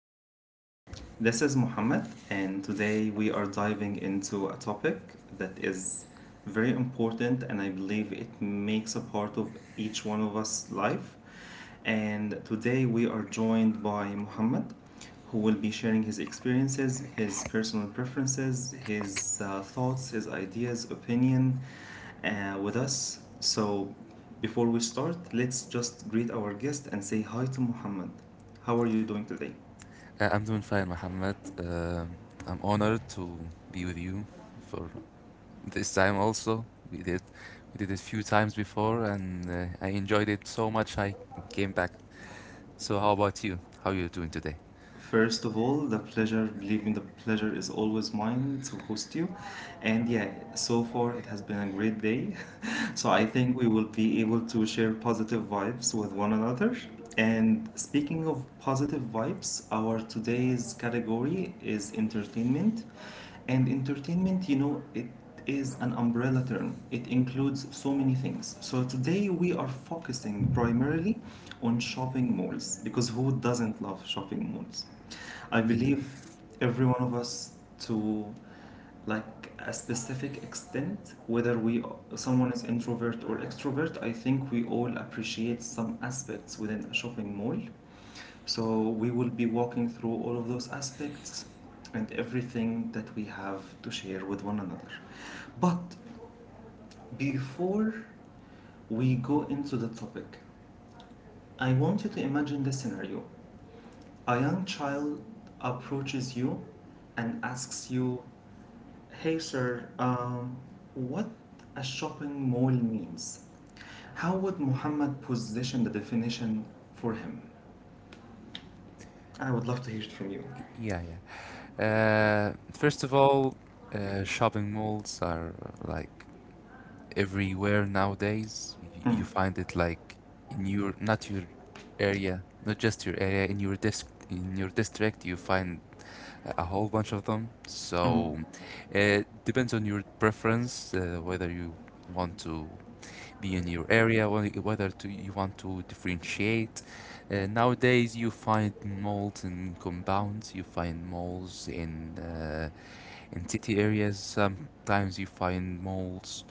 everyone. This is Muhammad, and today we are diving into a topic that is very important, and I believe it makes a part of each one of us' life. And today we are joined by Muhammad, who will be sharing his experiences, his personal preferences, his thoughts, his ideas, opinion, with us. So, before we start, let's just greet our guest and say hi to Muhammad. How are you doing today? I'm doing fine, Muhammad. I'm honored to be with you for this time also. We did we did it a few times before and I enjoyed it so much I came back. So how about you? How are you doing today? First of all, the pleasure, believe me, the pleasure is always mine to host you. And yeah, so far it has been a great day. So I think we will be able to share positive vibes with one another. And speaking of positive vibes, our today's category is entertainment. And entertainment, it is an umbrella term. It includes so many things. So today we are focusing primarily on shopping malls because who doesn't love shopping malls? I Yeah. believe every one of us to like a specific extent, whether we someone is introvert or extrovert, I think we all appreciate some aspects within a shopping mall. So we will be walking through all of those aspects and everything that we have to share with one another. But before we go into the topic, I want you to imagine this scenario. A young child approaches you and asks you, "Hey, sir, what a shopping mall means?" How would Muhammad position the definition for him? I would love to hear it from you. Yeah, yeah. Uh, first of all, shopping malls are like everywhere nowadays. Y You Mm, find it like in your not your area, not just your area, in your dis in your district, you find a whole bunch of them. mm, So it depends on your preference, whether you want to be in your area, you want to differentiate. Nowadays, you find moles in compounds, you find moles in city areas. Sometimes you find moles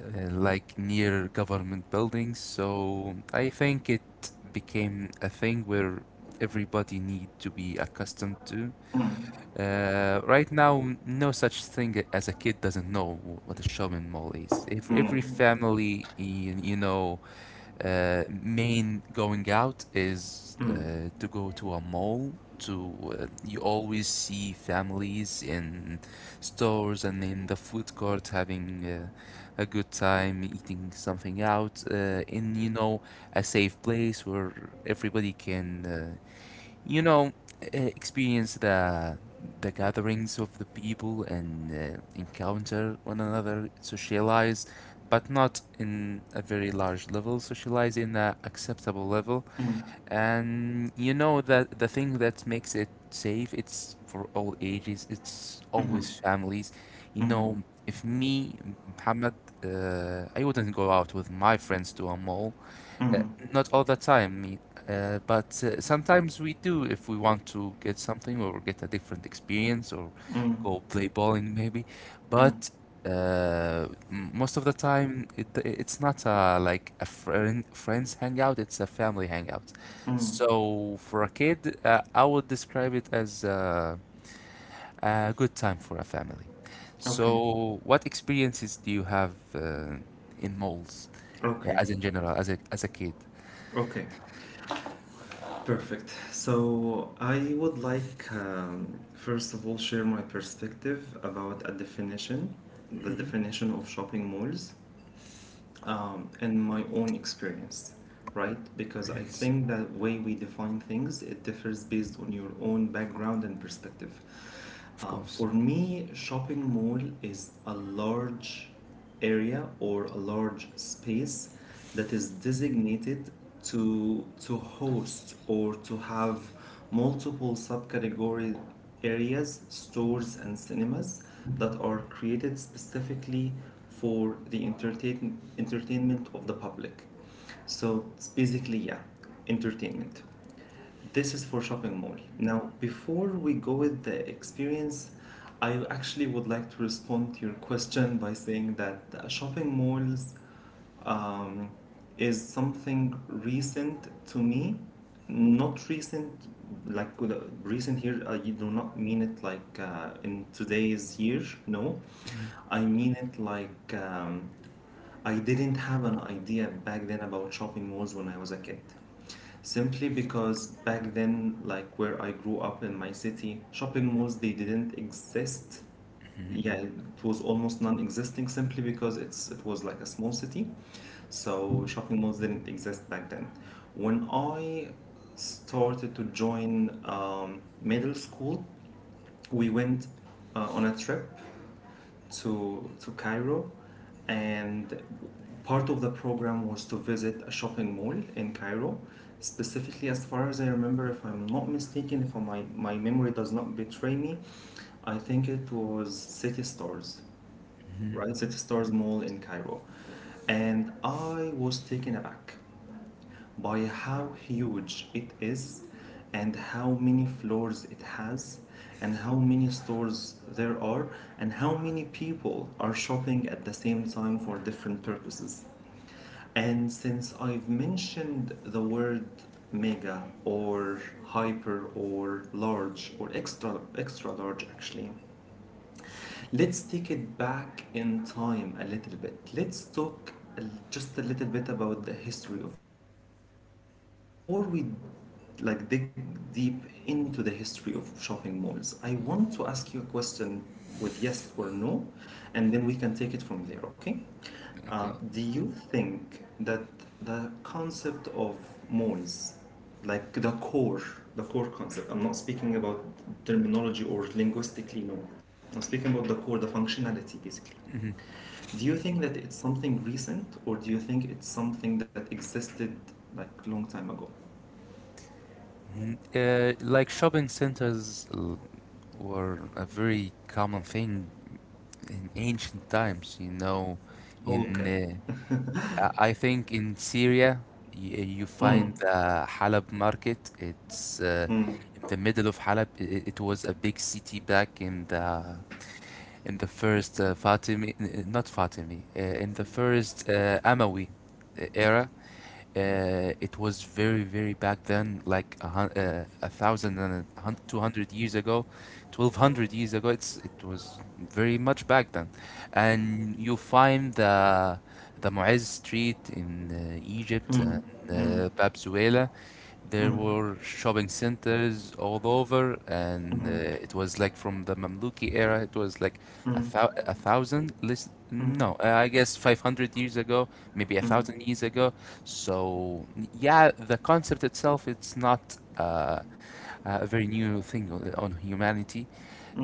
like near government buildings. So I think it became a thing where everybody need to be accustomed to. mm, mm, Uh, right now, no such thing as a kid doesn't know what a shopping mall is. Every mm. family, in, main going out is mm. To go to a mall. To You always see families in stores and in the food court having a good time, eating something out uh, in a safe place where everybody can you know, experience the gatherings of the people and encounter one another, socialize, but not in a very large level. Socialize in a acceptable level, Mm, and you know that the thing that makes it safe, it's for all ages. It's mhm, always families. You mhm, know, if me, Muhammad, I wouldn't go out with my friends to a mall, uh, mhm, not all the time, but sometimes we do if we want to get something or get a different experience or mm, go play bowling maybe. mm, But most of the time, it's not a, like a friends hangout; it's a family hangout. mm. So for a kid, I would describe it as a good time for a family. Okay, So what experiences do you have in malls, okay, as in general, as a kid? okay, perfect. So I would like, first of all, share my perspective about a definition, the definition of shopping malls. In my own experience, right? Because I think that way we define things it differs based on your own background and perspective. Of course. For me, shopping mall is a large area or a large space that is designated to host or to have multiple subcategory areas, stores and cinemas that are created specifically for the entertainment of the public. So it's basically, yeah, entertainment. This is for shopping mall. Now, before we go with the experience, I actually would like to respond to your question by saying that shopping malls um, is something recent to me. Not recent, like uh, recent here, I do not mean it like in today's year. No, I mean it like I didn't have an idea back then about shopping malls when I was a kid. Simply because back then, like where I grew up in my city, shopping malls they didn't exist. Yeah, it was almost non-existing simply because it was like a small city, so shopping malls didn't exist back then. When I started to join middle school, we went on a trip to Cairo, and part of the program was to visit a shopping mall in Cairo. Specifically, as far as I remember, if I'm not mistaken, if my memory does not betray me, I think it was City Stars, right? City Stars Mall in Cairo, and I was taken aback by how huge it is and how many floors it has and how many stores there are and how many people are shopping at the same time for different purposes. And since I've mentioned the word mega or hyper or large or extra large actually, let's take it back in time a little bit. Let's talk just a little bit about the history of malls before we like dig deep into the history of shopping malls. I want to ask you a question with yes or no, and then we can take it from there, okay? Okay. Do you think that the concept of malls, like the core concept, I'm not speaking about terminology or linguistically, no. I'm speaking about the core, the functionality basically. Do you think that it's something recent or do you think it's something that existed like long time ago? Mhm. Like shopping centers were a very common thing in ancient times, you know. In Okay. I think in Syria, you, you Mm, find the Halab market. It's mm. in the middle of Halab. It was a big city back in the first Fatimi, n- n- not Fatimi, in the first Amawi era. It was very, very back then, like a hun a thousand and a hun 200 years ago, 1200 years ago. It was very much back then, and you find the Mu'izz Street in Egypt and Bab Suela, there were shopping centers all over, and it was like from the Mamluki era. It was like a thousand list. No, I guess 500 years ago, maybe a thousand years ago. So yeah, the concept itself, it's not a very new thing on humanity,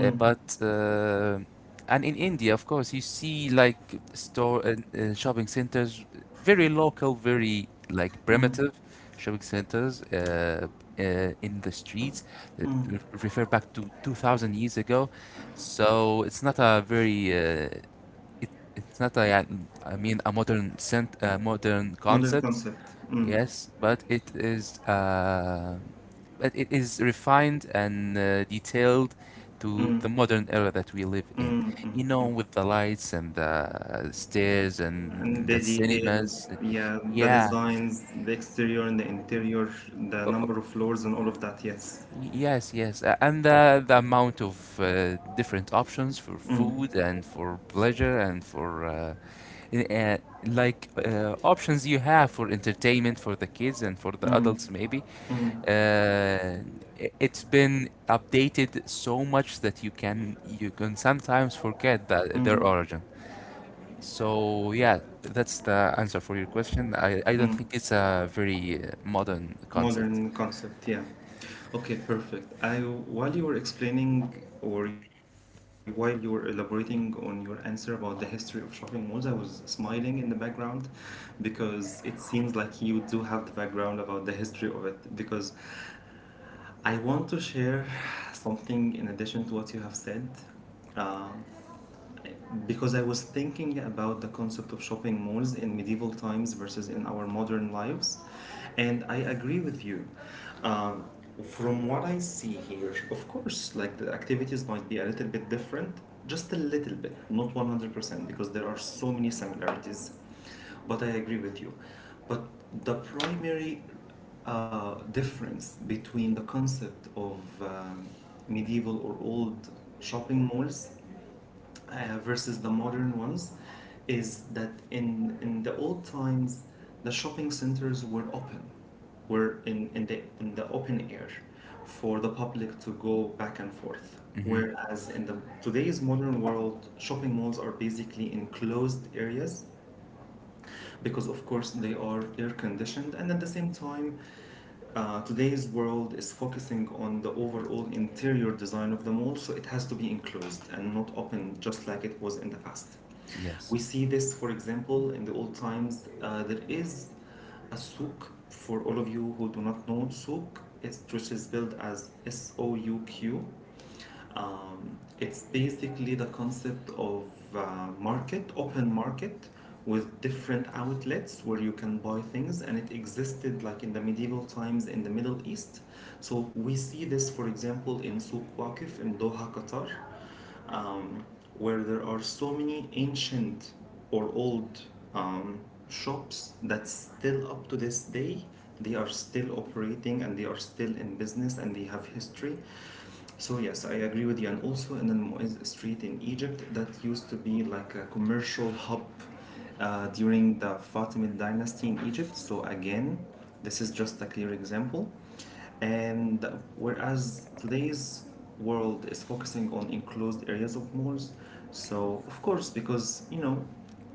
but and in India, of course, you see like store and shopping centers, very local, very like Mm, primitive shopping centers uh, in the streets that mm. Refer back to 2000 years ago. So it's not a very it, it's not a, I mean a a modern Model concept. concept. Mm. Yes, but it is refined and detailed to the modern era that we live in. You know, with the lights and the stairs And and the the details, cinemas. yeah, the Yeah. designs, the exterior and the interior, the o- o- number of floors and all of that, yes. Yes, yes. And the amount of different options for Mm. food and for pleasure and for i- uh, like options you have for entertainment for the kids and for the adults maybe. Uh, it's been updated so much that you can sometimes forget that their origin. So yeah, that's the answer for your question. I don't think it's a very modern concept. Modern concept, yeah. Okay, perfect. I, while you were explaining or while you were elaborating on your answer about the history of shopping malls, I was smiling in the background because it seems like you do have the background about the history of it, because I want to share something in addition to what you have said, uh, because I was thinking about the concept of shopping malls in medieval times versus in our modern lives, and I agree with you. Um, from what I see here, of course, like the activities might be a little bit different, just a little bit, not 100%, because there are so many similarities, but I agree with you. But the primary difference between the concept of medieval or old shopping malls versus the modern ones is that in the old times the shopping centers were open, were in, the open air, for the public to go back and forth, Hmm. whereas in the today's modern world shopping malls are basically enclosed areas because of course they are air conditioned, and at the same time today's world is focusing on the overall interior design of the mall, so it has to be enclosed and not open just like it was in the past. We Yes, see this, for example, in the old times. There is a souk for all of you who do not know souk. It, which is spelled as SOUQ, it's basically the concept of market, open market, with different outlets where you can buy things, and it existed like in the medieval times in the Middle East. So we see this, for example, in Souq Waqif in Doha, Qatar, um, where there are so many ancient or old um, shops that still up to this day they are still operating and they are still in business and they have history. So yes, I agree with you. And also in the Mu'izz Street in Egypt, that used to be like a commercial hub during the Fatimid dynasty in Egypt. So again, this is just a clear example. And whereas today's world is focusing on enclosed areas of malls, so of course, because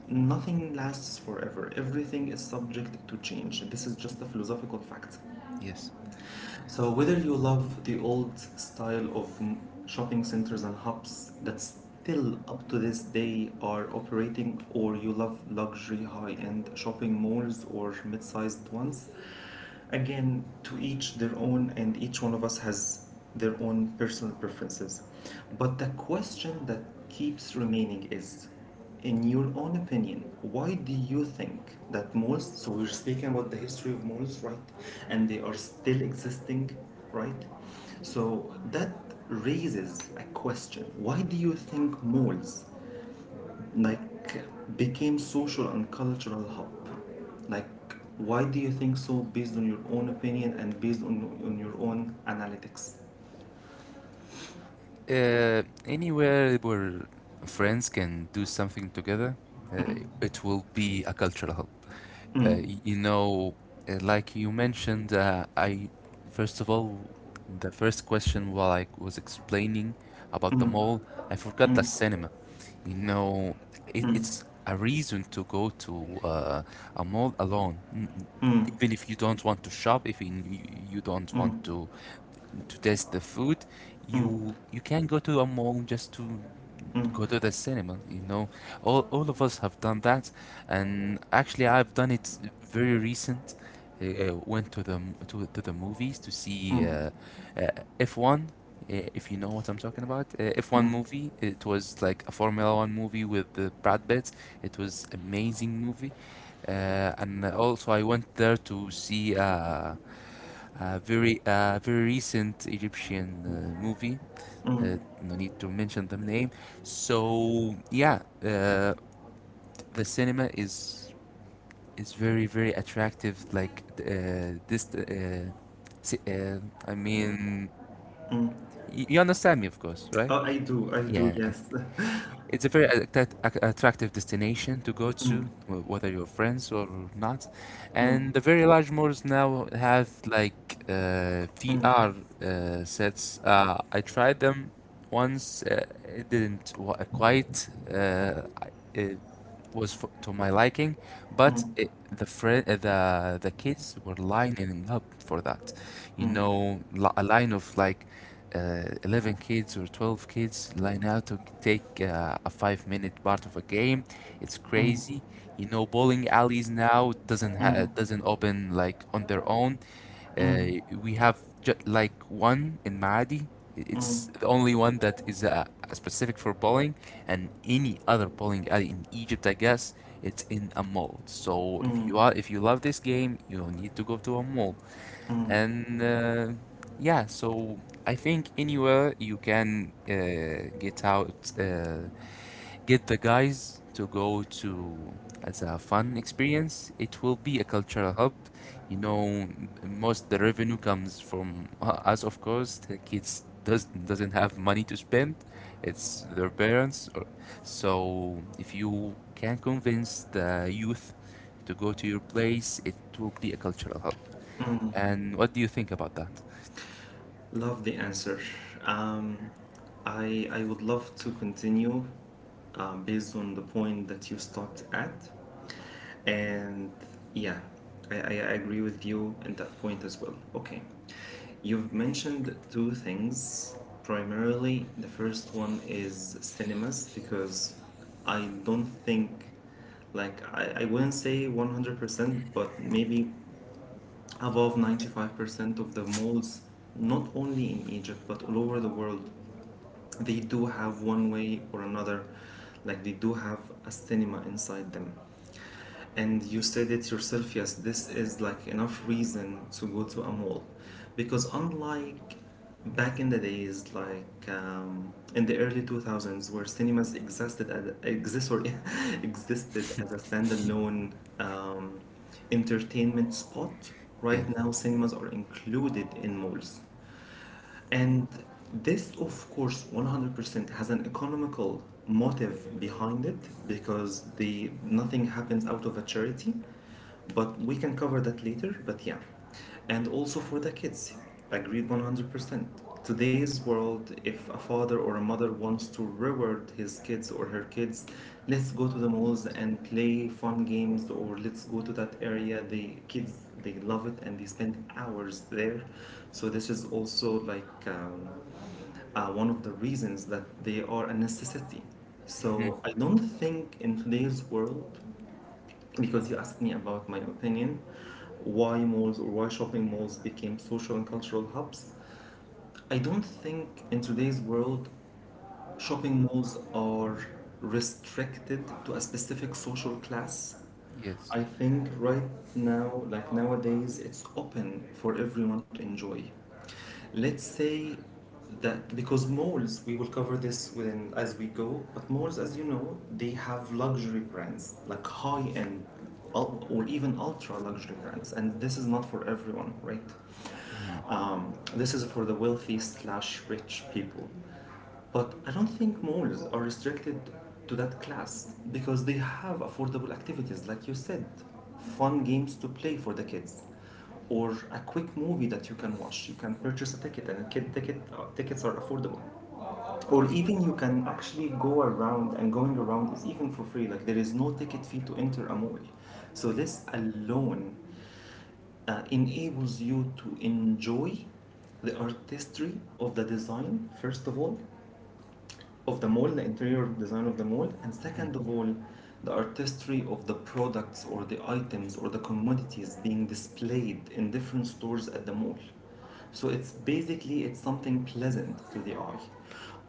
nothing lasts forever. Everything is subject to change. This is just a philosophical fact. yes. So whether you love the old style of shopping centers and hubs that still up to this day are operating, or you love luxury high-end shopping malls or mid-sized ones, again to each their own and each one of us has their own personal preferences, but the question that keeps remaining is, in your own opinion, why do you think that malls, so we're speaking about the history of malls, right? And they are still existing, right? So that raises a question: why do you think malls like became social and cultural hub, like why do you think so based on your own opinion and based on your own analytics? Anywhere where friends can do something together, uh, it will be a cultural hub. You know, like you mentioned, I first of all, the first question while I was explaining about the mall, I forgot the cinema. You know, it's a reason to go to a mall alone, even if you don't want to shop, if in- you don't want to taste the food, you can go to a mall just to go to the cinema, you know, all of us have done that. And actually, I've done it very recent. I went to the to the movies to see Mm. Uh, F1. If you know what I'm talking about, F1 movie, it was like a formula one movie with Brad Pitt. It was amazing movie. And also I went there to see a very very recent Egyptian movie, no need to mention the name. So yeah, the cinema is very very attractive. Si- uh, I mean, you understand me, of course, right? Oh, I do, I do, Yeah. yes. It's a very attractive destination to go to, whether you're friends or not. Mm, And the very large malls now have like mm, VR sets. I tried them once. It didn't wa- quite I- uh, was to my liking, but the kids were lining up for that. You know, a line of like 11 kids or 12 kids line out to take a 5 minute part of a game. It's mm, crazy. You know, bowling alleys now mm, doesn't open like on their own. mm, We have ju like one in Maadi. mm, It's the only one that is specific for bowling, and any other bowling alley in Egypt, I guess it's in a mall. So if you are if you love this game, you need to go to a mall. mm, And yeah, so I think anywhere you can get out get the guys to go to as a fun experience, it will be a cultural hub. You know, most the revenue comes from us, of course. The kids doesn't have money to spend. It's their parents. Or, so if you can convince the youth to go to your place, it will be a cultural hub. mm. And what do you think about that? Love the answer. um, I would love to continue based on the point that you stopped at, and yeah, I agree with you in that point as well. Okay, you've mentioned two things. Primarily, the first one is cinemas because I don't think, like, I wouldn't say 100%, but maybe above 95% of the malls, not only in Egypt, but all over the world, they do have one way or another, like, they do have a cinema inside them, and you said it yourself, yes, this is like enough reason to go to a mall because unlike back in the days like in the early 2000s where cinemas existed as, existed as a standalone um, entertainment spot. Yeah. Right now cinemas are included in malls, and this, of course, 100% has an economical motive behind it because the nothing happens out of a charity. But we can cover that later, but yeah. And also for the kids, agreed 100%. Today's world, if a father or a mother wants to reward his kids or her kids, let's go to the malls and play fun games, or let's go to that area. The kids, they love it and they spend hours there. So, this is also like one of the reasons that they are a necessity. Mhm. So I don't think in today's world, because you asked me about my opinion, why malls or why shopping malls became social and cultural hubs. I don't think in today's world shopping malls are restricted to a specific social class. Yes. I think right now, like nowadays, it's open for everyone to enjoy. Let's say that because malls, we will cover this within as we go, but malls, as you know, they have luxury brands like high end or even ultra luxury brands, and this is not for everyone, right? Mhm. This is for the wealthy slash rich people. But I don't think malls are restricted to that class, because they have affordable activities, like you said, fun games to play for the kids, or a quick movie that you can watch. You can purchase a ticket, and kid ticket tickets are affordable. Or even you can actually go around, and going around is even for free. Like, there is no ticket fee to enter a mall. So this alone enables you to enjoy the artistry of the design, first of all, of the mall, the interior design of the mall, and second of all, the artistry of the products or the items or the commodities being displayed in different stores at the mall. So it's basically it's something pleasant to the eye.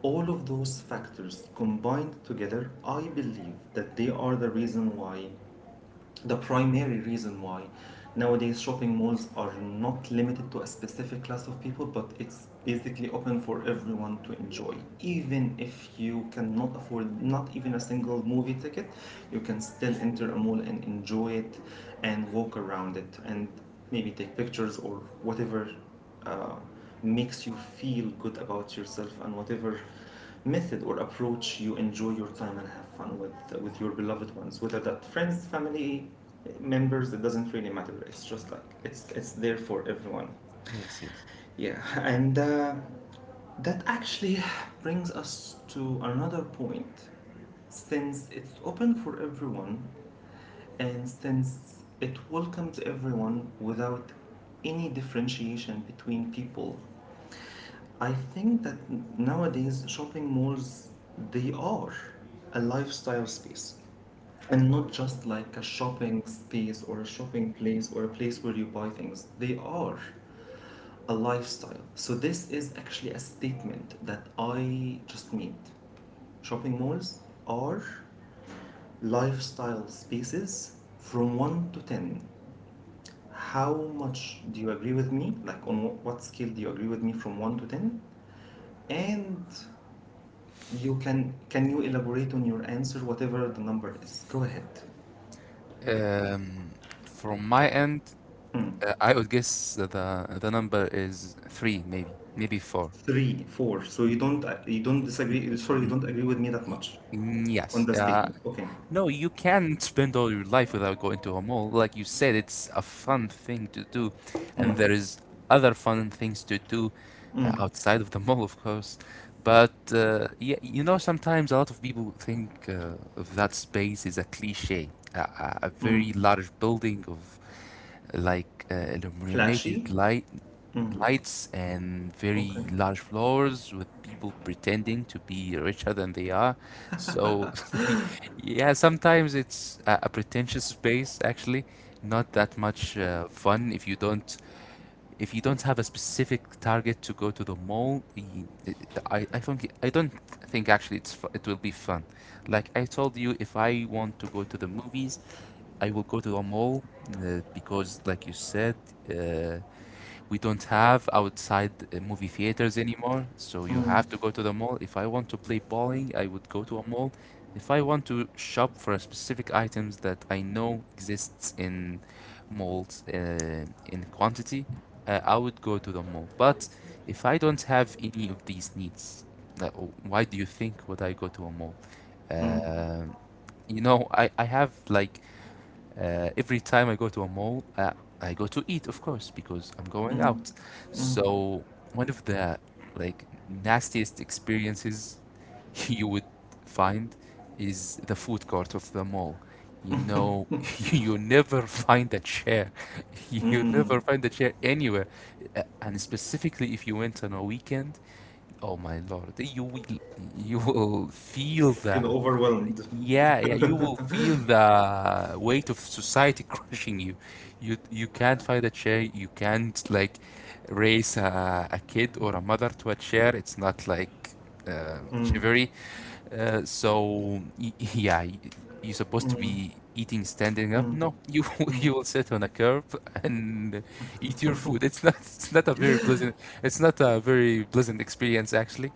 All of those factors combined together, I believe that they are the primary reason why nowadays shopping malls are not limited to a specific class of people, but it's basically open for everyone to enjoy. Even if you cannot afford not even a single movie ticket, you can still enter a mall and enjoy it, and walk around it, and maybe take pictures or whatever uh, makes you feel good about yourself, and whatever method or approach you enjoy your time and have fun with, with your beloved ones, whether that friends, family members. It doesn't really matter. It's just like it's there for everyone, Yes. Yes. yeah. And that actually brings us to another point. Since it's open for everyone, and since it welcomes everyone without any differentiation between people, I think that nowadays shopping malls, they are a lifestyle space, and not just like a shopping space or a shopping place or a place where you buy things. They are a lifestyle. So this is actually a statement that I just made. Shopping malls are lifestyle spaces from 1 to 10. How much do you agree with me? Like, on what scale do you agree with me from 1 to 10? And You can you elaborate on your answer, whatever the number is? Go ahead. Um, from my end, I would guess that the number is three, maybe, maybe four. Three, four. So Y- you don't n- disagree. Sorry, you n- don't agree with me that much on Yes. the statement. Okay. No, you can't spend all your life without going to a mall. Like you said, it's a fun thing to do, and Mm. there is other fun things to do outside of the mall, of course. But yeah, you know, sometimes a lot of people think of that space is a cliche, a very large building of like uh, illuminated Flashy. light lights and very Okay. large floors with people pretending to be richer than they are. So, yeah, sometimes it's a pretentious space actually, not that much fun if you don't have a specific target to go to the mall. I think I don't think actually it will be fun. Like I told you, if I want to go to the movies, I will go to the mall because, like you said, uh, we don't have outside movie theaters anymore, so you have to go to the mall. If I want to play bowling, I would go to a mall. If I want to shop for specific items that I know exists in malls in quantity, I would go to the mall. But if I don't have any of these needs, uh, why do you think would I go to a mall? Um you know, I have like every time I go to a mall, I go to eat, of course, because I'm going out. So one of the like nastiest experiences you would find is the food court of the mall. You know, you never find a chair. You never find a chair anywhere. And specifically if you went on a weekend, oh my Lord, you will feel Feel the overwhelmed. yeah yeah you will feel the weight of society crushing you. You can't find a chair. You can't like raise a kid or a mother to a chair. It's not like chivalry. So yeah, you're supposed to be eating standing up. No, you you will sit on a curb and eat your food. It's not a very pleasant experience actually,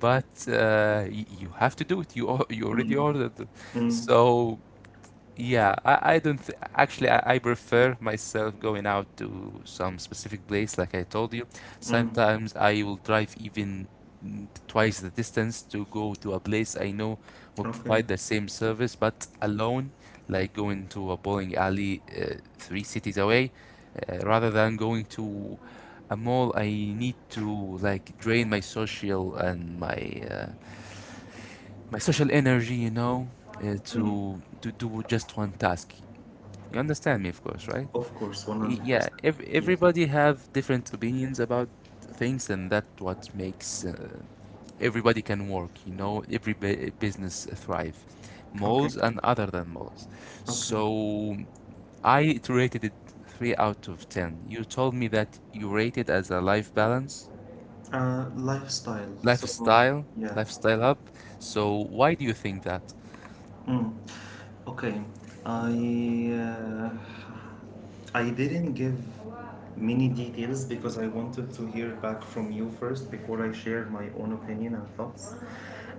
but you have to do it. You already ordered, so yeah, I don't th actually I prefer myself going out to some specific place like I told you. Mm. Sometimes I will drive even twice the distance to go to a place I know will Okay. provide the same service but alone, like going to a bowling alley three cities away, rather than going to a mall. I need to like drain my social and my uh, my social energy, Mm. to do just one task. You understand me, of course, right? Of course, one Y- hundred Yeah, percent. ev Yes. everybody have different opinions about things, and that what makes everybody can work, every business thrive. Okay. Malls and other than malls. Okay. So I rated it 3 out of 10. You told me that you rate it as a life balance, Lifestyle. So lifestyle, yeah. lifestyle up. So why do you think that? Mm. Okay, I uh, I didn't give many details, because I wanted to hear back from you first before I share my own opinion and thoughts.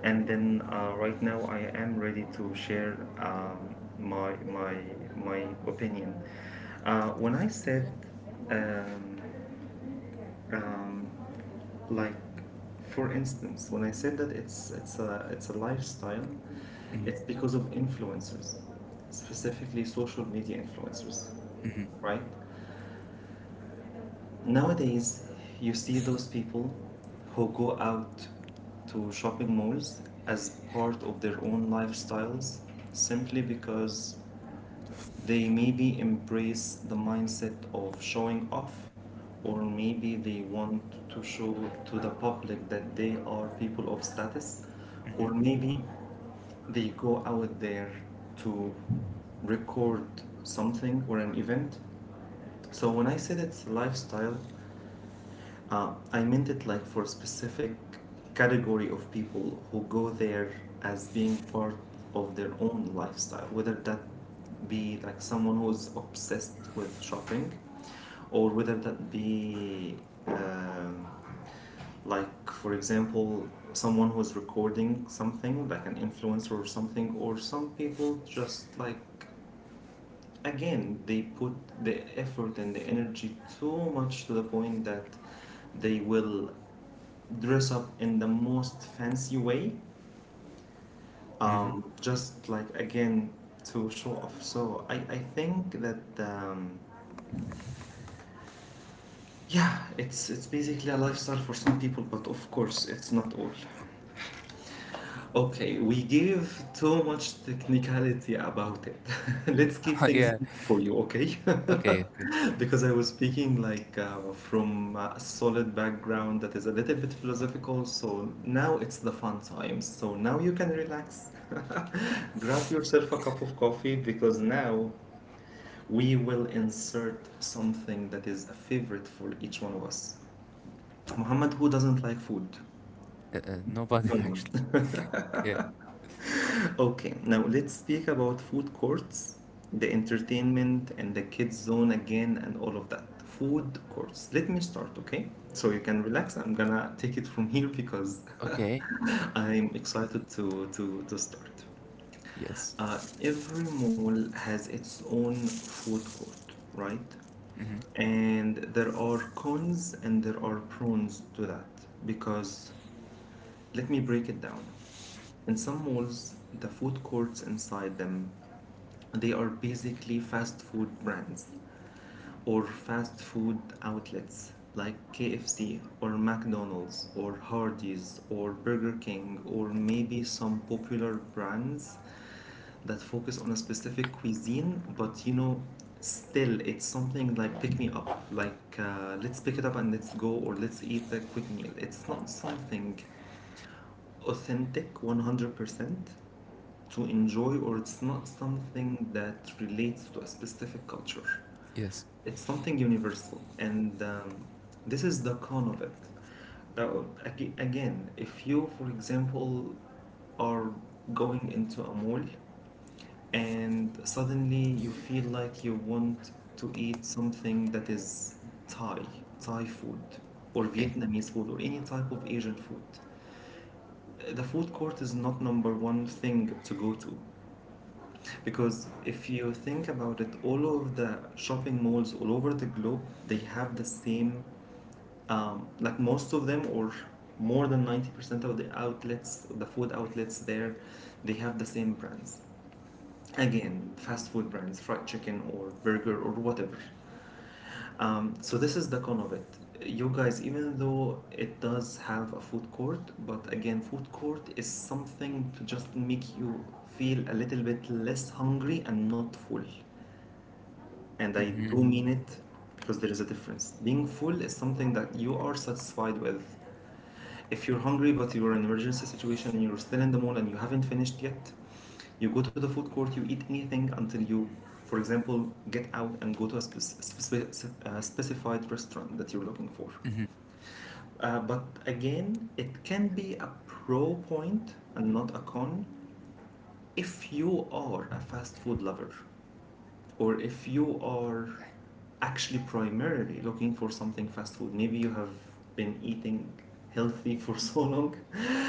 And then right now I am ready to share my opinion. When I said um, um, like, for instance, when I said that it's a lifestyle, it's because of influencers, specifically social media influencers, right? Nowadays you see those people who go out to shopping malls as part of their own lifestyles, simply because they maybe embrace the mindset of showing off, or maybe they want to show to the public that they are people of status, or hmm maybe they go out there to record something or an event. So when I said it's lifestyle, I meant it like for a specific category of people who go there as being part of their own lifestyle, whether that be like someone who's obsessed with shopping, or whether that be um, like, for example, someone who's recording something, like an influencer or something, or some people, just like, again, they put the effort and the energy too much to the point that they will dress up in the most fancy way, hmm just like, again, to show off. So I think that yeah, it's basically a lifestyle for some people, but of course it's not all. Okay, we gave too much technicality about it. Let's keep things Yeah, easy for you, okay? okay, okay. Because I was speaking like from a solid background that is a little bit philosophical, so now it's the fun time. So now you can relax. Grab yourself a cup of coffee, because now we will insert something that is a favorite for each one of us. Muhammad, who doesn't like food? Nobody No one. actually. Yeah. Okay, now let's speak about food courts, the entertainment, and the kids' zone, again, and all of that. Food courts. Let me start, okay? So you can relax. I'm gonna take it from here, because Okay. I'm excited to start. Yes. Every mall has its own food court, right? Mhm. And there are cons and there are pros to that, because let me break it down. In some malls, the food courts inside them, they are basically fast food brands or fast food outlets like KFC or McDonald's or Hardee's or Burger King, or maybe some popular brands that focus on a specific cuisine. But you know, still it's something like pick me up, like let's pick it up and let's go, or let's eat a quick meal. It's not something authentic 100% to enjoy, or it's not something that relates to a specific culture. Yes. It's something universal, and this is the con of it. Now, again, if you, for example, are going into a mall and suddenly you feel like you want to eat something that is Thai, Thai food, or Okay. Vietnamese food, or any type of Asian food. The food court is not number one thing to go to, because if you think about it, all of the shopping malls all over the globe, they have the same, like, most of them, or more than 90% of the outlets, the food outlets there, they have the same brands. Again, fast food brands, fried chicken or burger or whatever. So this is the con of it, you guys. Even though it does have a food court, but again, food court is something to just make you feel a little bit less hungry and not full, and I do Mhm. mean it. Because there is a difference, being full is something that you are satisfied with. If you're hungry but you're in an emergency situation, you're still in the mall and you haven't finished yet, you go to the food court, you eat anything until you, for example, get out and go to a specified restaurant that you're looking for. Mhm. But again, it can be a pro point and not a con if you are a fast food lover, or if you are actually primarily looking for something fast food. Maybe you have been eating healthy for so long.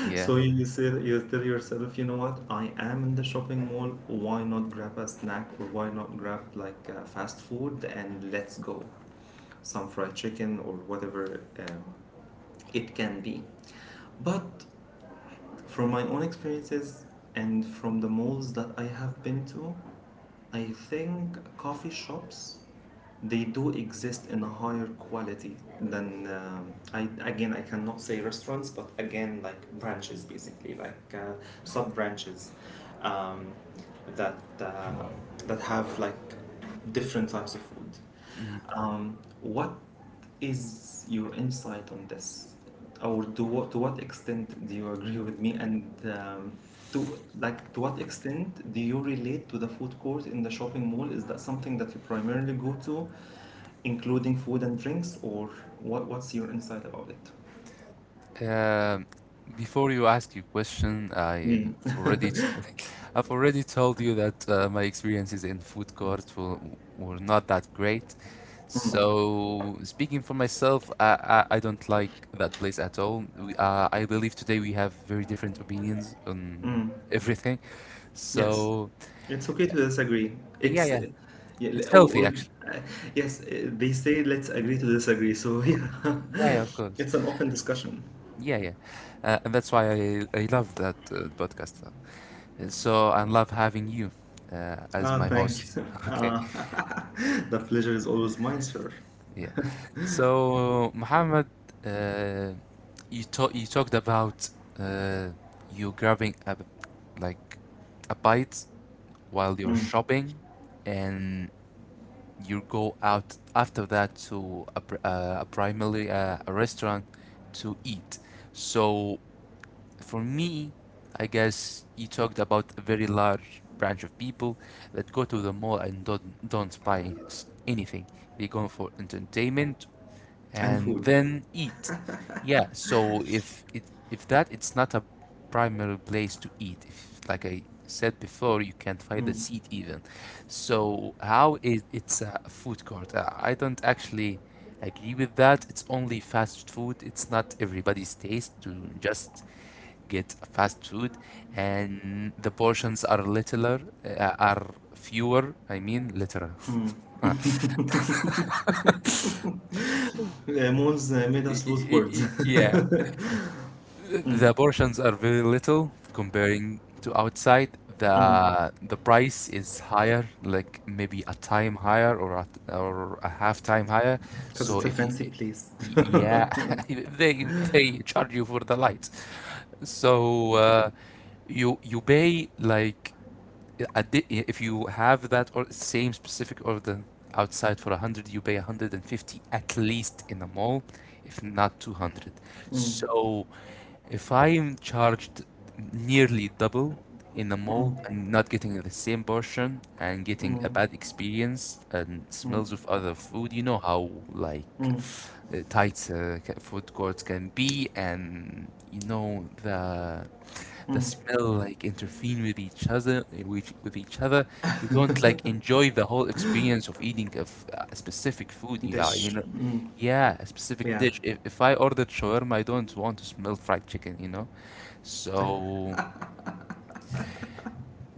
Yeah. So you say, you tell yourself, you know what? I am in the shopping mall. Why not grab a snack, or why not grab like fast food, and let's go, some fried chicken or whatever it can be. But from my own experiences and from the malls that I have been to, I think coffee shops, they do exist in a higher quality than I, again, I cannot say restaurants, but again like branches, basically, like sub branches, um, that uh, that have like different types of food. Um, what is your insight on this, or to what extent do you agree with me, and um, to what extent do you relate to the food court in the shopping mall? Is that something that you primarily go to, including food and drinks? Or what's your insight about it? Um, Before you ask your question, I Mm. already t- I've already told you that my experiences in food court were not that great. So speaking for myself, I don't like that place at all. I believe today we have very different opinions on everything. Yes, So it's okay to disagree. yeah, It's yeah, Yeah. It's healthy actually. uh, yes, they say let's agree to disagree. So yeah, Yeah, yeah, of course. it's an open discussion. Yeah, yeah. And that's why I love that podcast. So, I love having you as Ah, my thank host. you. Okay, Ah, the pleasure is always mine, sir. yeah. So, Muhammad, uh, you talked about uh, you grabbing like a bite while you're Mm. shopping and you go out after that to a primary a restaurant to eat. So, for me, I guess you talked about a very large branch of people that go to the mall and don't buy anything. They go for entertainment And and food. then eat. Yeah, so if that, it's not a primary place to eat. If, like I said before, you can't find a Mm. seat even. So how is it's a food court? I don't actually agree with that. It's only fast food. It's not everybody's taste to just get fast food, and the portions are littler, are fewer. I mean, littler. Mm. Yeah, Mons made Y- us lose y- words. y- Yeah, Mm. the portions are very little comparing to outside. Mm. The price is higher, like maybe a time higher or a half time higher. Because So it's a if you, fancy place. yeah, Mm. they they charge you for the lights. So you you pay like if you have that or same specific order outside for 100, you pay 150 at least in the mall, if not 200. So if I'm charged nearly double in the mall and not getting the same portion, and getting a Mm. bad experience and Mm, smells of other food, you know how like mm, tight food courts can be, and you know the mm. smell like interfere with each other with each other. You don't like enjoy the whole experience of eating a specific food, yeah, you Dish. know, Mm, yeah, a specific yeah. dish. If if I ordered shawarma, I don't want to smell fried chicken, you know. So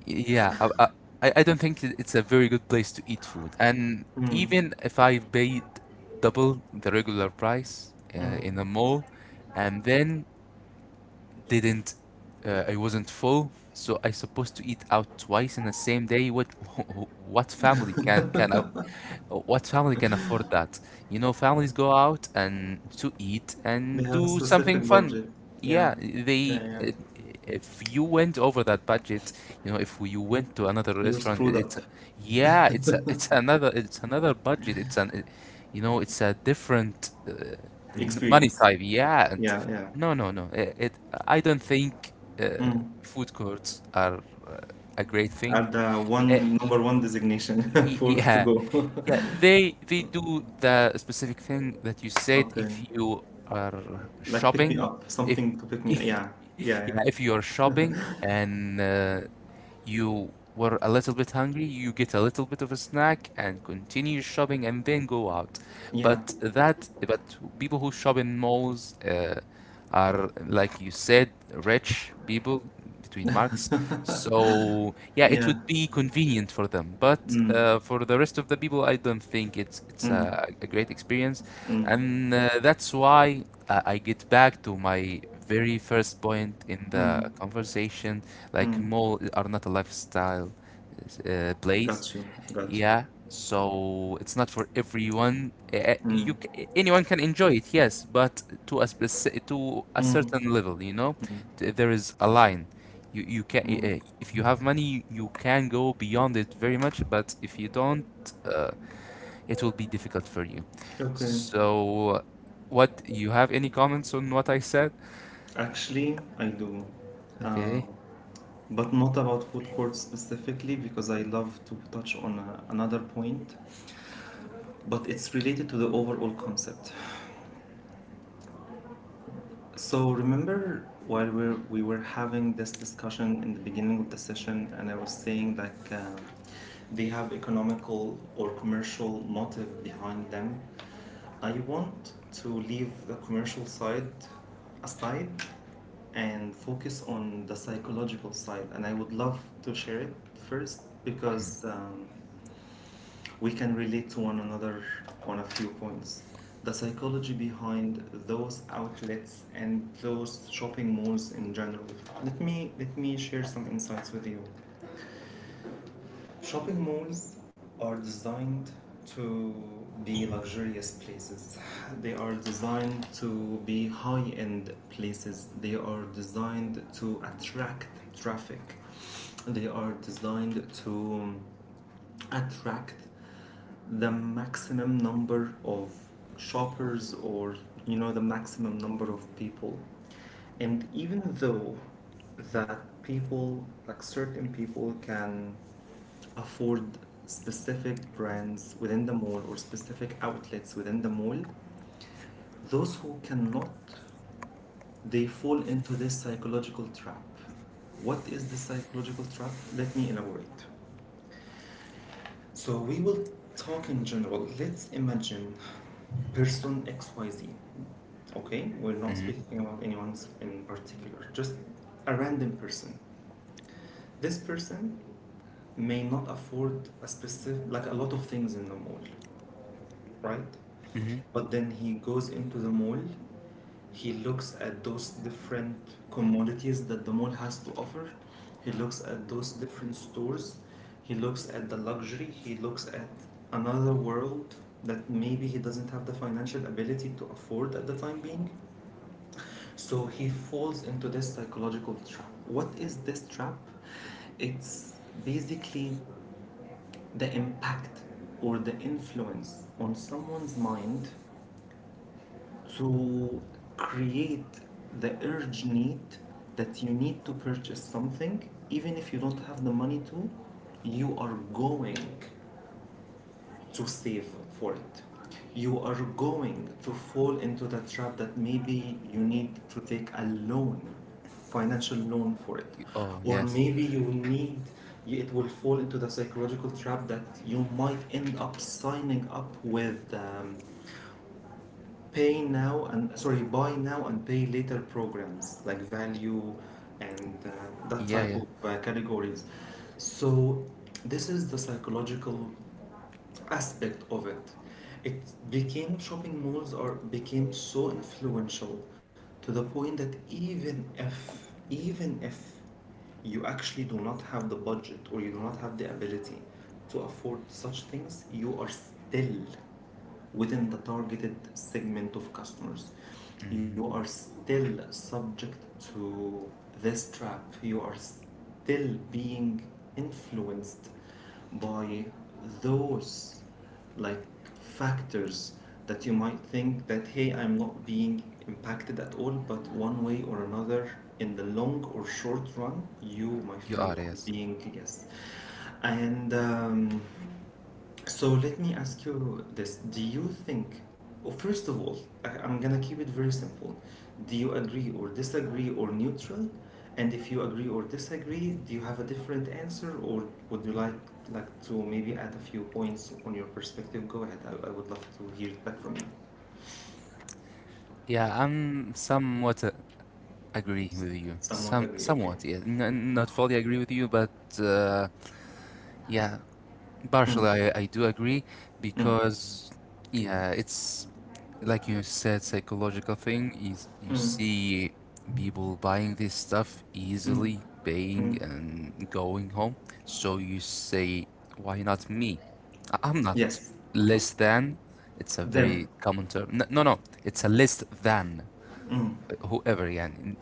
yeah, I don't think it's a very good place to eat food. And Mm, even if I paid double the regular price mm. in a mall, and then didn't I wasn't full, so I supposed to eat out twice in the same day. What what family can can a- what family can afford that? You know, families go out and to eat They and have a do something specific fun. budget. Yeah. Yeah, they. Yeah, yeah. If you went over that budget, you know, if you went to another Your restaurant, screwed it's up yeah, it's a, it's another, it's another budget. You know, it's a different money experience. type. Yeah, and Yeah, yeah. no. It I don't think uh, Mm. food courts are uh, a great thing. Are the Eh, one number one designation Y- for to Yeah, go. yeah, they do the specific thing that you said Okay. if you are Like pick me shopping, up. if Something to pick me up. Yeah. Yeah, yeah, yeah. if you are shopping and you were a little bit hungry, you get a little bit of a snack and continue shopping and then go out. Yeah. But that, but people who shop in malls are, like you said, rich people, between marks. So yeah, it Yeah. would be convenient for them. But Mm, for the rest of the people, I don't think it's mm, a great experience, mm, and that's why I get back to my very first point in mm, the conversation, like mm. mall are not a lifestyle place. Got you. Got you. Yeah, so it's not for everyone. Mm, Anyone can enjoy it, yes, but to a to a mm, certain level, you know, there is a line. You can mm. If you have money, you can go beyond it very much, but if you don't, uh, it will be difficult for you. Okay. So, what, you have any comments on what I said? Actually, I do. Uh, Okay. but not about food courts specifically, because I love to touch on another point, but it's related to the overall concept. So remember, while we were having this discussion in the beginning of the session, and I was saying, like, they have economical or commercial motive behind them. I want to leave the commercial side aside and focus on the psychological side. And I would love to share it first because we can relate to one another on a few points. The psychology behind those outlets and those shopping malls in general. Let me share some insights with you. Shopping malls are designed to be luxurious places. They are designed to be high end places. They are designed to attract traffic. They are designed to attract the maximum number of shoppers or the maximum number of people, and even though that people, like certain people, can afford specific brands within the mall or specific outlets within the mall, those who cannot, they fall into this psychological trap. What is the psychological trap? Let me elaborate. So we will talk in general. Let's imagine person XYZ. Okay, we're not speaking about anyone in particular, just a random person. This person may not afford a specific, like a lot of things in the mall, right? hmm But then he goes into the mall. He looks at those different commodities that the mall has to offer. He looks at those different stores. He looks at the luxury. He looks at another world that maybe he doesn't have the financial ability to afford at the time being. So he falls into this psychological trap. What is this trap? It's basically the impact or the influence on someone's mind to create the urge need that you need to purchase something. Even if you don't have the money to, you are going to save for it. You are going to fall into the trap that maybe you need to take a loan, financial loan for it. Oh Or yes. maybe you need, it will fall into the psychological trap that you might end up signing up with pay now and sorry buy now and pay later programs like value, and that Yeah, type yeah. of categories. So this is the psychological aspect of it. It became, shopping malls are became so influential to the point that even if you actually do not have the budget or you do not have the ability to afford such things, you are still within the targeted segment of customers. You are still subject to this trap. You are still being influenced by those, like, factors, that you might think that hey, I'm not being impacted at all, but one way or another, in the long or short run, you, my You friend, are, are yes. being yes. And so let me ask you this. Do you think, oh, first of all, I'm gonna keep it very simple. Do you agree or disagree or neutral? And if you agree or disagree, do you have a different answer, or would you like to maybe add a few points on your perspective? Go ahead. I would love to hear it back from you. Yeah, I'm somewhat agree with you. Somewhat agree, okay. Somewhat, yes. N Not fully agree with you, but uh, yeah, partially Mm, I do agree mm, because yeah, it's like you said, psychological thing is you mm, see people buying this stuff mm, easily, paying mm. and going home. So you say, why not me? I'm not Yes, less than. It's a them. very common term. No, no, it's a less than. Mm, Whoever يعني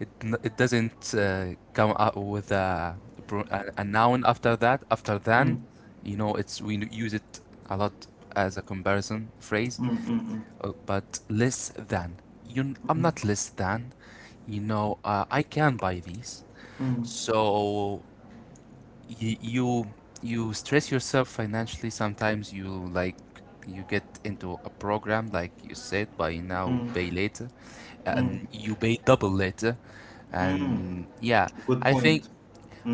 it, it doesn't come out with a, pro- a noun after that, after mm, than. mm, You know, it's we use it a lot as a comparison phrase. mm, But less than you, I'm not less than you know, I can buy these. mm, So you you you stress yourself financially. Sometimes you, like, you get into a program, like you said, buy mm, now mm, pay later, mm, and you pay double later, mm. and yeah, Good i think point.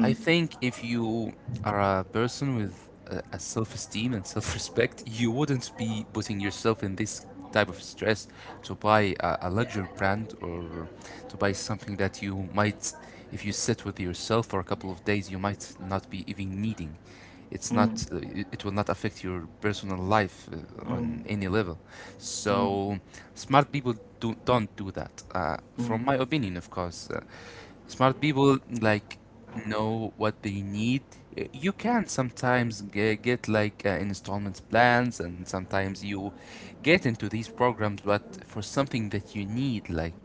I think if you are a person with a self-esteem and self-respect, you wouldn't be putting yourself in this type of stress to buy a luxury brand, or to buy something that you might, if you sit with yourself for a couple of days, you might not be even needing. Mm, It will not affect your personal life mm, on any level. mm, So smart people don't do that. Mm, From my opinion, of course. Smart people, like, know what they need. You can sometimes get like installment plans, and sometimes you get into these programs, but for something that you need, like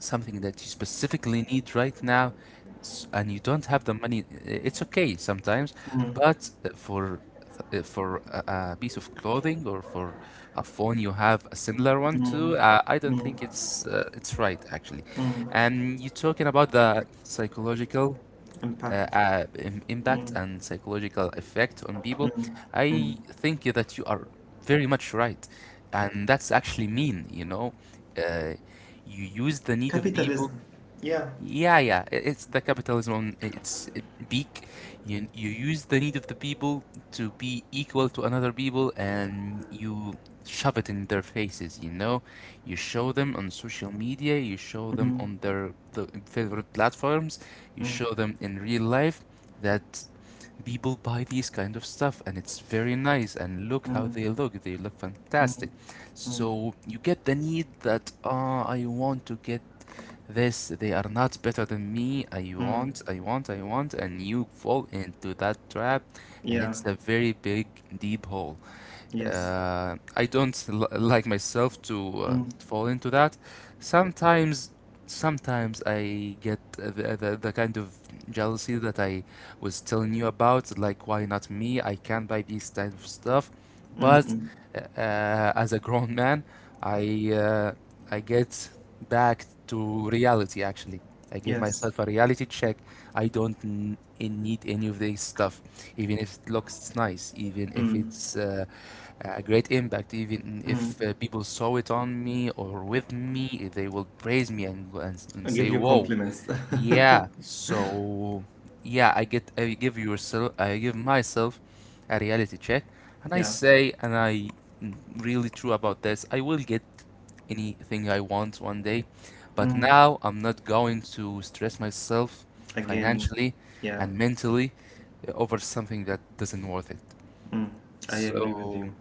something that you specifically need right now, and you don't have the money, it's okay sometimes, mm, but for a piece of clothing or for a phone you have a similar one to, I don't mm, think it's right actually. mm. And you're talking about the psychological Impact. Impact and psychological effect on people, I think that you are very much right. And that's actually mean, you know. Uh, you use the need of people. Capitalism. Yeah. Yeah, yeah, it's the capitalism on its beak. You use the need of the people to be equal to another people, and you shove it in their faces. You know, you show them on social media, you show them Mm, on the favorite platforms, you mm, show them in real life that people buy these kind of stuff, and it's very nice. And look how mm, they look fantastic. So you get the need that, ah, I want to get this. They are not better than me. I mm. want, I want, I want, and you fall into that trap. And Yeah. it's a very big deep hole. Yes. I don't l like myself to Mm, fall into that. Sometimes, sometimes I get the kind of jealousy that I was telling you about. Like, why not me? I can buy these type of stuff. mm, But mm. As a grown man, I uh, I get back to reality. Actually, I give Yes. myself a reality check. I don't need any of this stuff, even if it looks nice, even if Mm, it's a great impact. Even mm. if people saw it on me or with me, they will praise me and I give say, you "Whoa, compliments. yeah." So yeah, I get I give yourself I give myself a reality check, and I Yeah. say, and I mm, really true about this. I will get anything I want one day, but Mm. now I'm not going to stress myself Again. financially Yeah. and mentally over something that doesn't worth it. Mm. I agree with So you.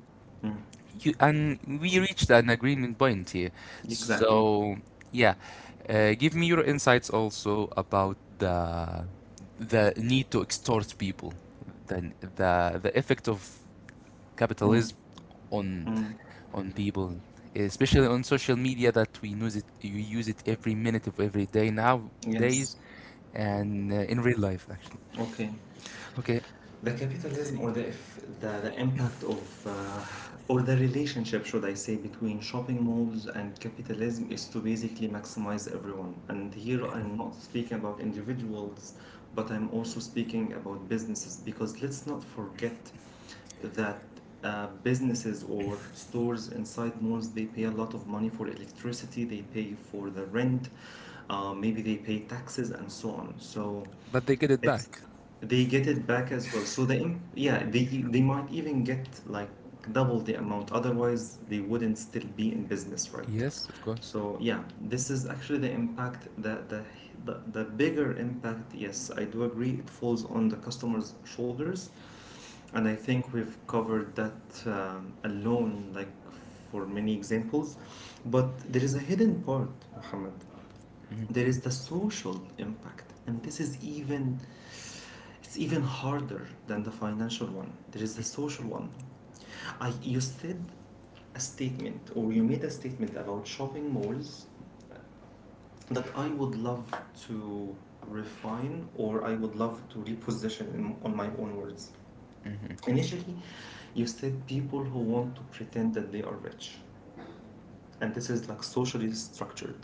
Mm. you, and we reached an agreement point here. Exactly. So, yeah, give me your insights also about the need to extort people, the effect of Mm, capitalism on mm. on people, especially on social media that we use it you use it every minute of every day Yes. nowadays and in real life actually. Okay. Okay, The capitalism, or the if the, the impact of or the relationship, should I say, between shopping malls and capitalism is to basically maximize everyone. And here I'm not speaking about individuals, but I'm also speaking about businesses, because let's not forget that businesses or stores inside malls, they pay a lot of money for electricity, they pay for the rent, maybe they pay taxes, and so on. So but they get it it's, back. they get it back as well. So the im- yeah, they might even get like double the amount. Otherwise, they wouldn't still be in business, right? Yes, of course. So yeah, this is actually the impact that the bigger impact. Yes, I do agree. It falls on the customer's shoulders, and I think we've covered that alone, like for many examples. But there is a hidden part, Muhammad. hmm There is the social impact, and this is even, it's even harder than the financial one. There is the social one. I, you said a statement, or you made a statement about shopping malls that I would love to refine, or I would love to reposition in, on my own words. hmm Initially, you said people who want to pretend that they are rich, and this is like socially structured.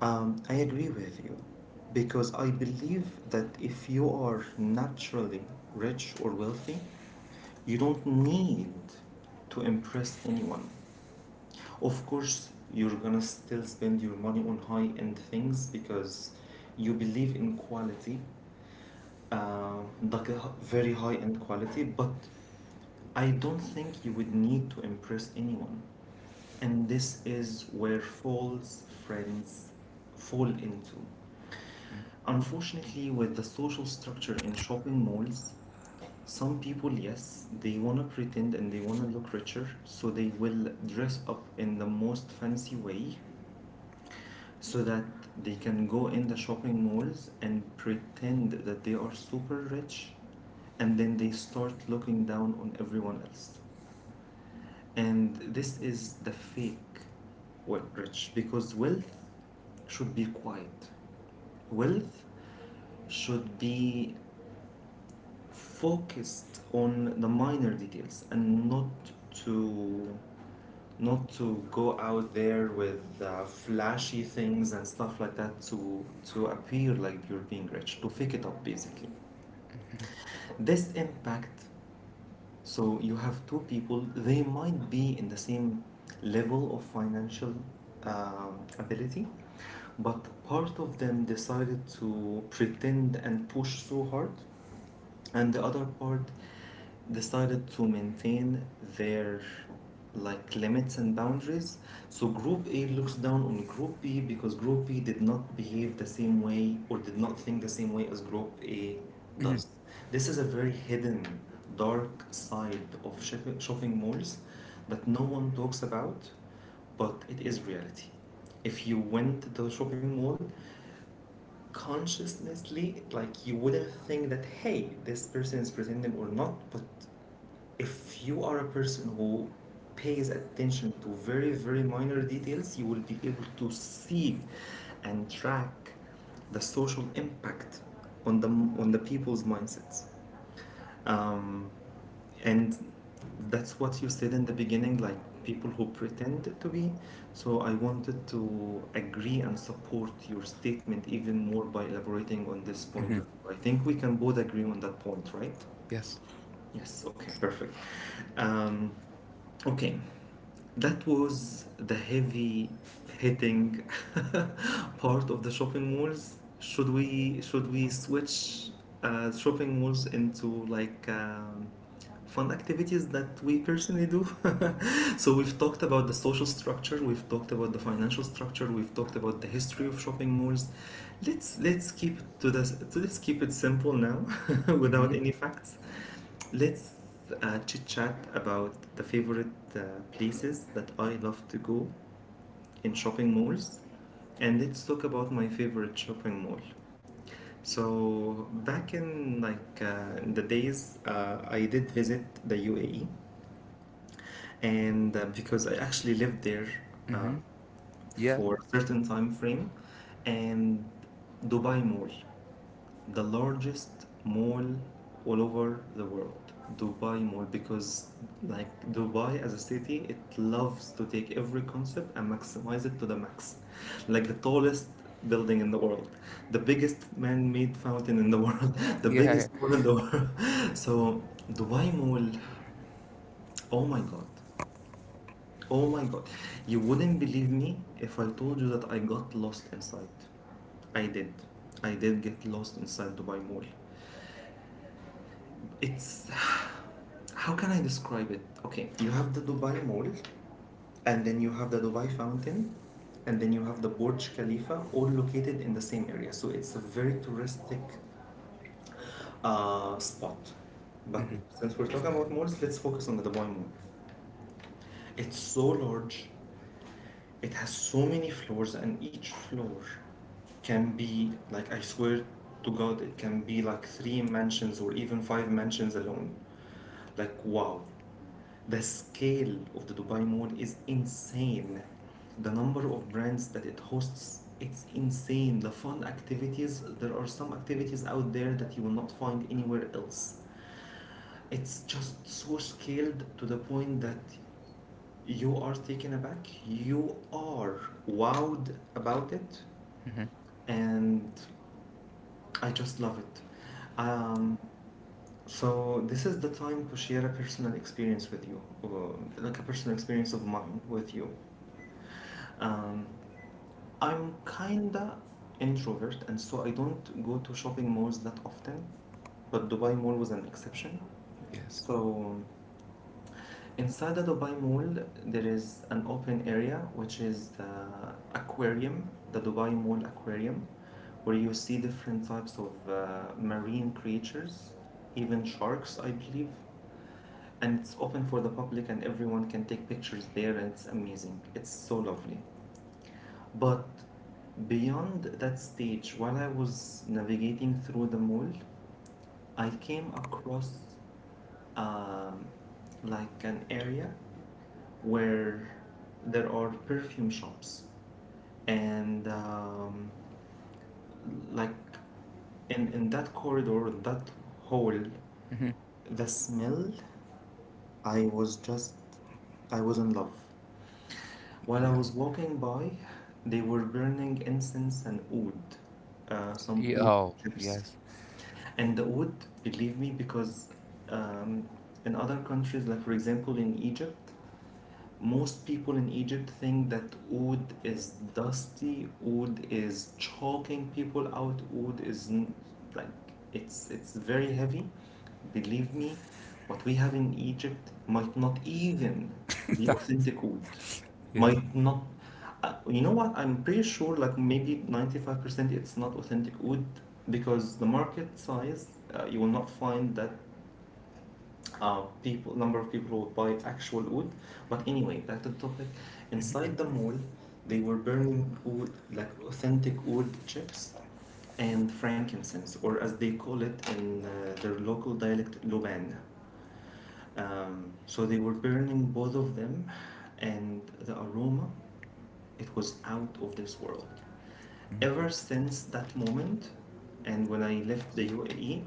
I agree with you, because I believe that if you are naturally rich or wealthy, you don't need to impress anyone. Of course, you're gonna still spend your money on high end things because you believe in quality, uh, like a h- very high end quality, but I don't think you would need to impress anyone. And this is where false friends fall into. Unfortunately, with the social structure in shopping malls, some people, yes, they want to pretend and they want to look richer, so they will dress up in the most fancy way so that they can go in the shopping malls and pretend that they are super rich, and then they start looking down on everyone else. And this is the fake we- rich, because wealth should be quiet. Wealth should be focused on the minor details and not to, not to go out there with flashy things and stuff like that, to appear like you're being rich, to fake it up basically. This impact, so you have two people, they might be in the same level of financial ability, but part of them decided to pretend and push so hard, and the other part decided to maintain their, like, limits and boundaries. So group A looks down on group B because group B did not behave the same way or did not think the same way as group A does. This is a very hidden, dark side of shopping malls that no one talks about, but it is reality. If you went to the shopping mall consciously, like you wouldn't think that hey, this person is pretending or not, but if you are a person who pays attention to very very minor details, you will be able to see and track the social impact on the on the people's mindsets, um, and that's what you said in the beginning, like people who pretend to be. So I wanted to agree and support your statement even more by elaborating on this point hmm of view. I think we can both agree on that point, right? Yes. Yes, okay, perfect. um, Okay, that was the heavy hitting part of the shopping malls. Should we switch shopping malls into like fun activities that we personally do? So we've talked about the social structure, we've talked about the financial structure, we've talked about the history of shopping malls. Let's keep to this. Let's keep it simple now, hmm without any facts. Let's chit chat about the favorite uh, places that I love to go in shopping malls, and let's talk about my favorite shopping mall. So back in like in the days, I did visit the UAE, and because I actually lived there uh, hmm Yeah. for a certain time frame, and Dubai Mall, the largest mall all over the world. Dubai Mall, because like Dubai as a city, it loves to take every concept and maximize it to the max. Like the tallest building in the world, the biggest man-made fountain in the world, the Yeah, yeah. biggest mall in the world. So Dubai Mall, oh my god, oh my god, you wouldn't believe me if I told you that I got lost inside. I did. I did get lost inside Dubai Mall. It's, how can I describe it? Okay, you have the Dubai Mall, and then you have the Dubai Fountain, and then you have the Burj Khalifa, all located in the same area. So it's a very touristic spot. But since we're talking about malls, let's focus on the Dubai Mall. It's so large, it has so many floors, and each floor can be like, I swear to God, it can be like three mansions or even five mansions alone. Like wow, the scale of the Dubai Mall is insane. The number of brands that it hosts, it's insane. The fun activities, there are some activities out there that you will not find anywhere else. It's just so scaled to the point that you are taken aback. You are wowed about it, hmm and I just love it. Um, so this is the time to share a personal experience with you, or like a personal experience of mine with you. Um, I'm kinda introvert, and so I don't go to shopping malls that often, but Dubai Mall was an exception. Yes. So inside the Dubai Mall, there is an open area which is the aquarium, the Dubai Mall Aquarium, where you see different types of marine creatures, even sharks, I believe. And it's open for the public, and everyone can take pictures there, and it's amazing. It's so lovely. But beyond that stage, while I was navigating through the mall, I came across um, like an area where there are perfume shops, and like in that corridor, that hole, hmm the smell, I was just I was in love. While I Yeah, was walking by, they were burning incense and oud, some yeah. oud Oh, chips. yes. And the wood, believe me, because um, in other countries, like for example in Egypt, most people in Egypt think that oud is dusty, oud is choking people out, like it's very heavy. Believe me, what we have in Egypt might not even be authentic oud. Yeah. Might not. You know what? I'm pretty sure, like maybe 95%, it's not authentic oud because the market size, you will not find that people number of people who would buy actual wood. But anyway, back to the topic, inside the mall they were burning wood, like authentic wood chips and frankincense, or as they call it in their local dialect, loban. So they were burning both of them, and the aroma, it was out of this world. Ever since that moment and when I left the UAE,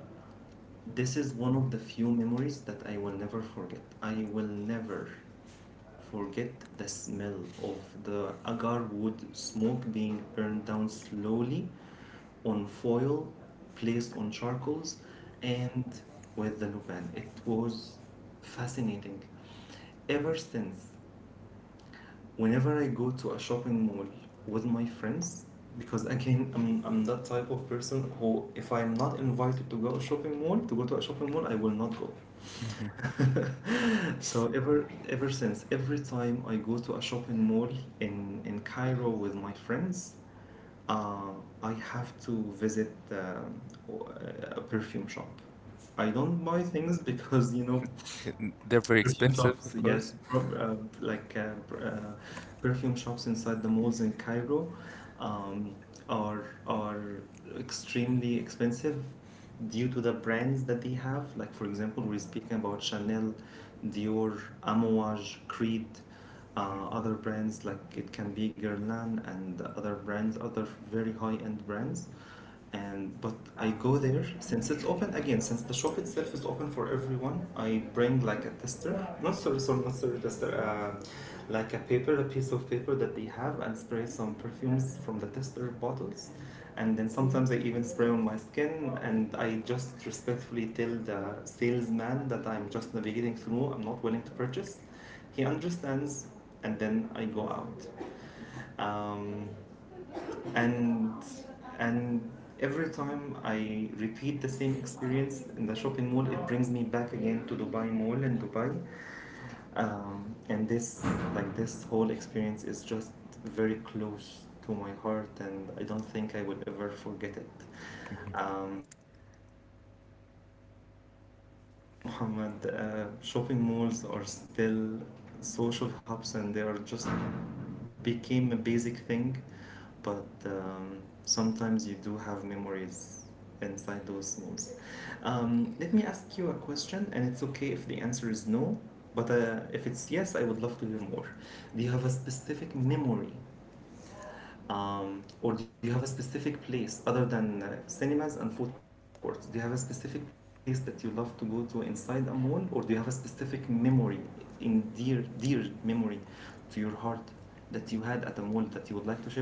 this is one of the few memories that I will never forget. I will never forget the smell of the agar wood smoke being burned down slowly on foil placed on charcoals and with the lupan. It was fascinating. Ever since, whenever I go to a shopping mall with my friends, because again, I'm that type of person who, if I'm not invited to go shopping mall, to go to a shopping mall, I will not go. hmm So ever since every time I go to a shopping mall in Cairo with my friends, uh, I have to visit w- a perfume shop. I don't buy things because you know. they're very Perfume expensive, shops, of yes, course. Like perfume shops inside the malls in Cairo um, are extremely expensive due to the brands that they have. Like for example, we're speaking about Chanel, Dior, Amouage, Creed, other brands, like it can be Guerlain and other brands, other very high-end brands. And but I go there, since it's open again, since the shop itself is open for everyone. I bring like a tester, not sorry, sorry, not sorry, tester, like a paper, a piece of paper that they have, and spray some perfumes from the tester bottles, and then sometimes I even spray on my skin, and I just respectfully tell the salesman that I'm just navigating through. I'm not willing to purchase. He understands, and then I go out. Um, and and every time I repeat the same experience in the shopping mall, it brings me back again to Dubai Mall and Dubai. And this, like this whole experience, is just very close to my heart, and I don't think I will ever forget it. Um, so even though, Muhammad, shopping malls are still social hubs and they are just became a basic thing, but sometimes you do have memories inside those memes. Let me ask you a question, and it's okay if the answer is no, but if it's yes, I would love to hear more. Do you have a specific memory, or do you have a specific place other than cinemas and food courts? Do you have a specific place that you love to go to inside a mall, or do you have a specific memory, in dear, dear memory to your heart, that you had at a mall that you would like to share with us?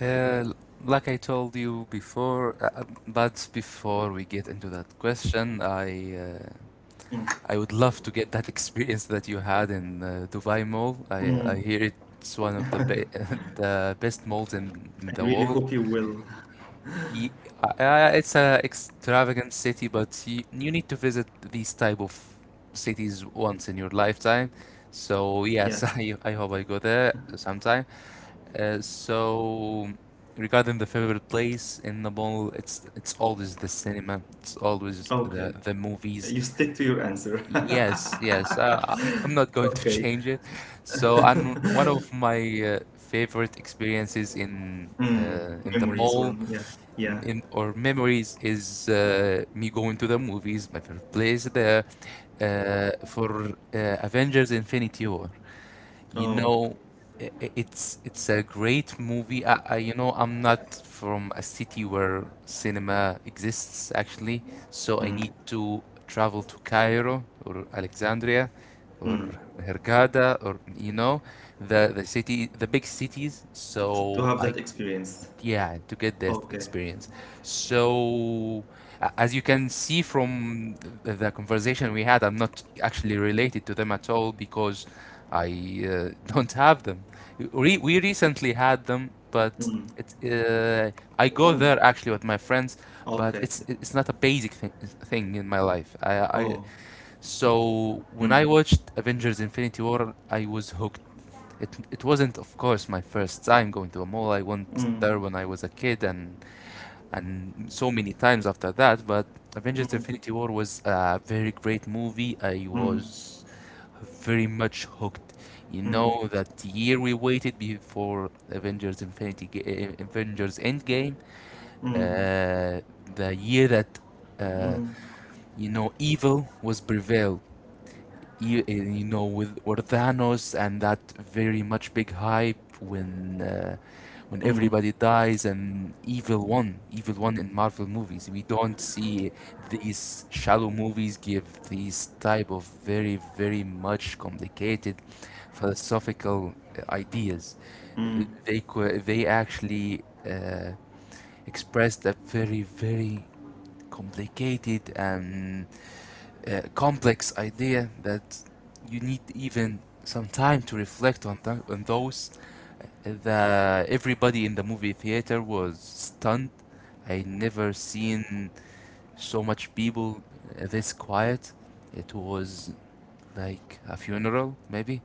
Uh, like I told you before, but before we get into that question, Mm. I would love to get that experience that you had in Dubai Mall. I Mm. I hear it's one of the be the best malls in I the really world. hope you will. Ye- it's a extravagant city, but you need to visit these type of cities once in your lifetime. So yes, Yeah. I hope I go there sometime. So regarding the favorite place in the mall, it's always the cinema. It's always the Okay. the movies. You stick to your answer. Yes, yes. I'm not going to Okay. change it. So, and one of my favorite experiences Mm. In the Memories or mall yeah. Yeah. in or memories is me going to the movies, my favorite place there, for Avengers Infinity War. You Oh. know, it's a great movie. I you know I'm not from a city where cinema exists actually, so I Mm. need to travel to Cairo or Alexandria or Mm. Hurghada or you know the city the big cities T- To so have I that experience. yeah to get that Okay. experience so as you can see from the conversation we had, I'm not actually related to them at all because I don't have them. We recently had them but Mm. it, I go One. there actually with my friends but Okay. it's not a basic thing, thing in my life, I. Oh. So when I Mm. watched Avengers Infinity War I was hooked. It wasn't, of course, my first time going to a mall. I went Mm. there when I was a kid and so many times after that. But Avengers: Mm. Infinity War was a very great movie. I Mm. was very much hooked. You Mm. know that year we waited before Avengers: Infinity Ga- eh, eh, Avengers Endgame, Mm. uh, the year that Mm. uh, Mm. you know evil was prevailed, you know with Orthanos and that very much big hype when everybody dies and evil one in Marvel movies we don't see these shallow movies give these type of very very much complicated philosophical ideas. They they actually uh, expressed a very very complicated and complex idea that you need even some time to reflect on, on those. The, everybody in the movie theater was stunned. I never seen so much people this quiet. It was like a funeral, maybe.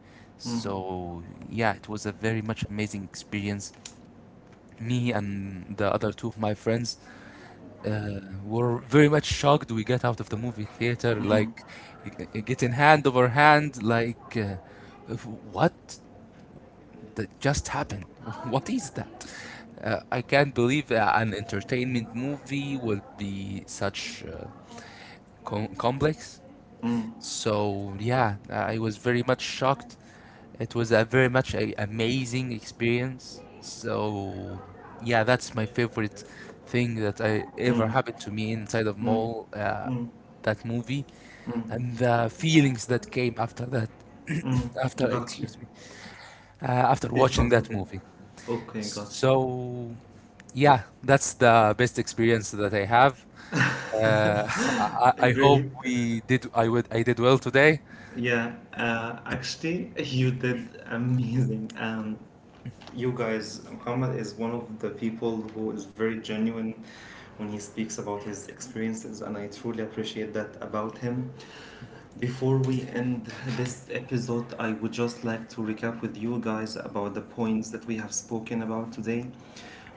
Mm. So yeah, it was a very much amazing experience. Me and the other two of my friends were very much shocked, we get out of the movie theater Mm. like getting hand over hand like "Of what that just happened what is that, I can't believe an entertainment movie would be such complex." Mm. So yeah, I was very much shocked. It was a very much a amazing experience. So yeah, that's my favorite thing that I ever happened to me inside of Mm. mall. Mm. That movie Mm. and the feelings that came after that, Mm. after Got you. excuse me, That's uh, okay. after Feel watching that comfortable. movie. Okay, got you. So yeah, that's the best experience that I have. Uh, I, I hope Great. we did. I would. I did well today. Yeah, actually, you did amazing. And you guys, Muhammad is one of the people who is very genuine when he speaks about his experiences, and I truly appreciate that about him. Before we end this episode, I would just like to recap with you guys about the points that we have spoken about today.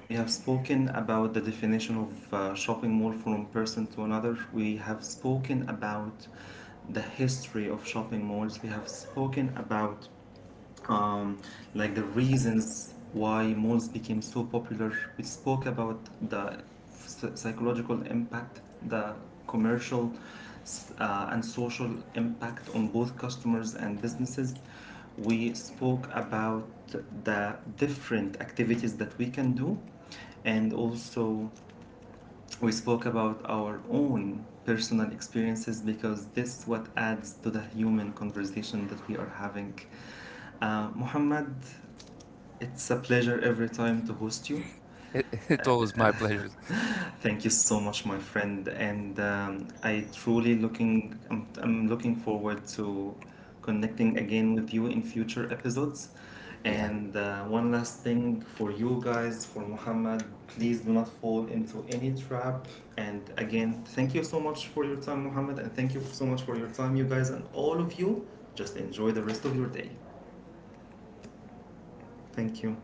We have spoken about the definition of shopping mall from person to another. We have spoken about the history of shopping malls. We have spoken about um, like the reasons why malls became so popular. We spoke about the psychological impact, the commercial and social impact on both customers and businesses. We spoke about the different activities that we can do, and also we spoke about our own personal experiences because this is what adds to the human conversation that we are having. Muhammad, it's a pleasure every time to host you. It, it was my pleasure. Thank you so much, my friend, and I truly looking I'm looking forward to connecting again with you in future episodes. Yeah. And one last thing for you guys, for Muhammad, please do not fall into any trap. And again, thank you so much for your time, Muhammad, and thank you so much for your time, you guys, and all of you. Just enjoy the rest of your day. Thank you.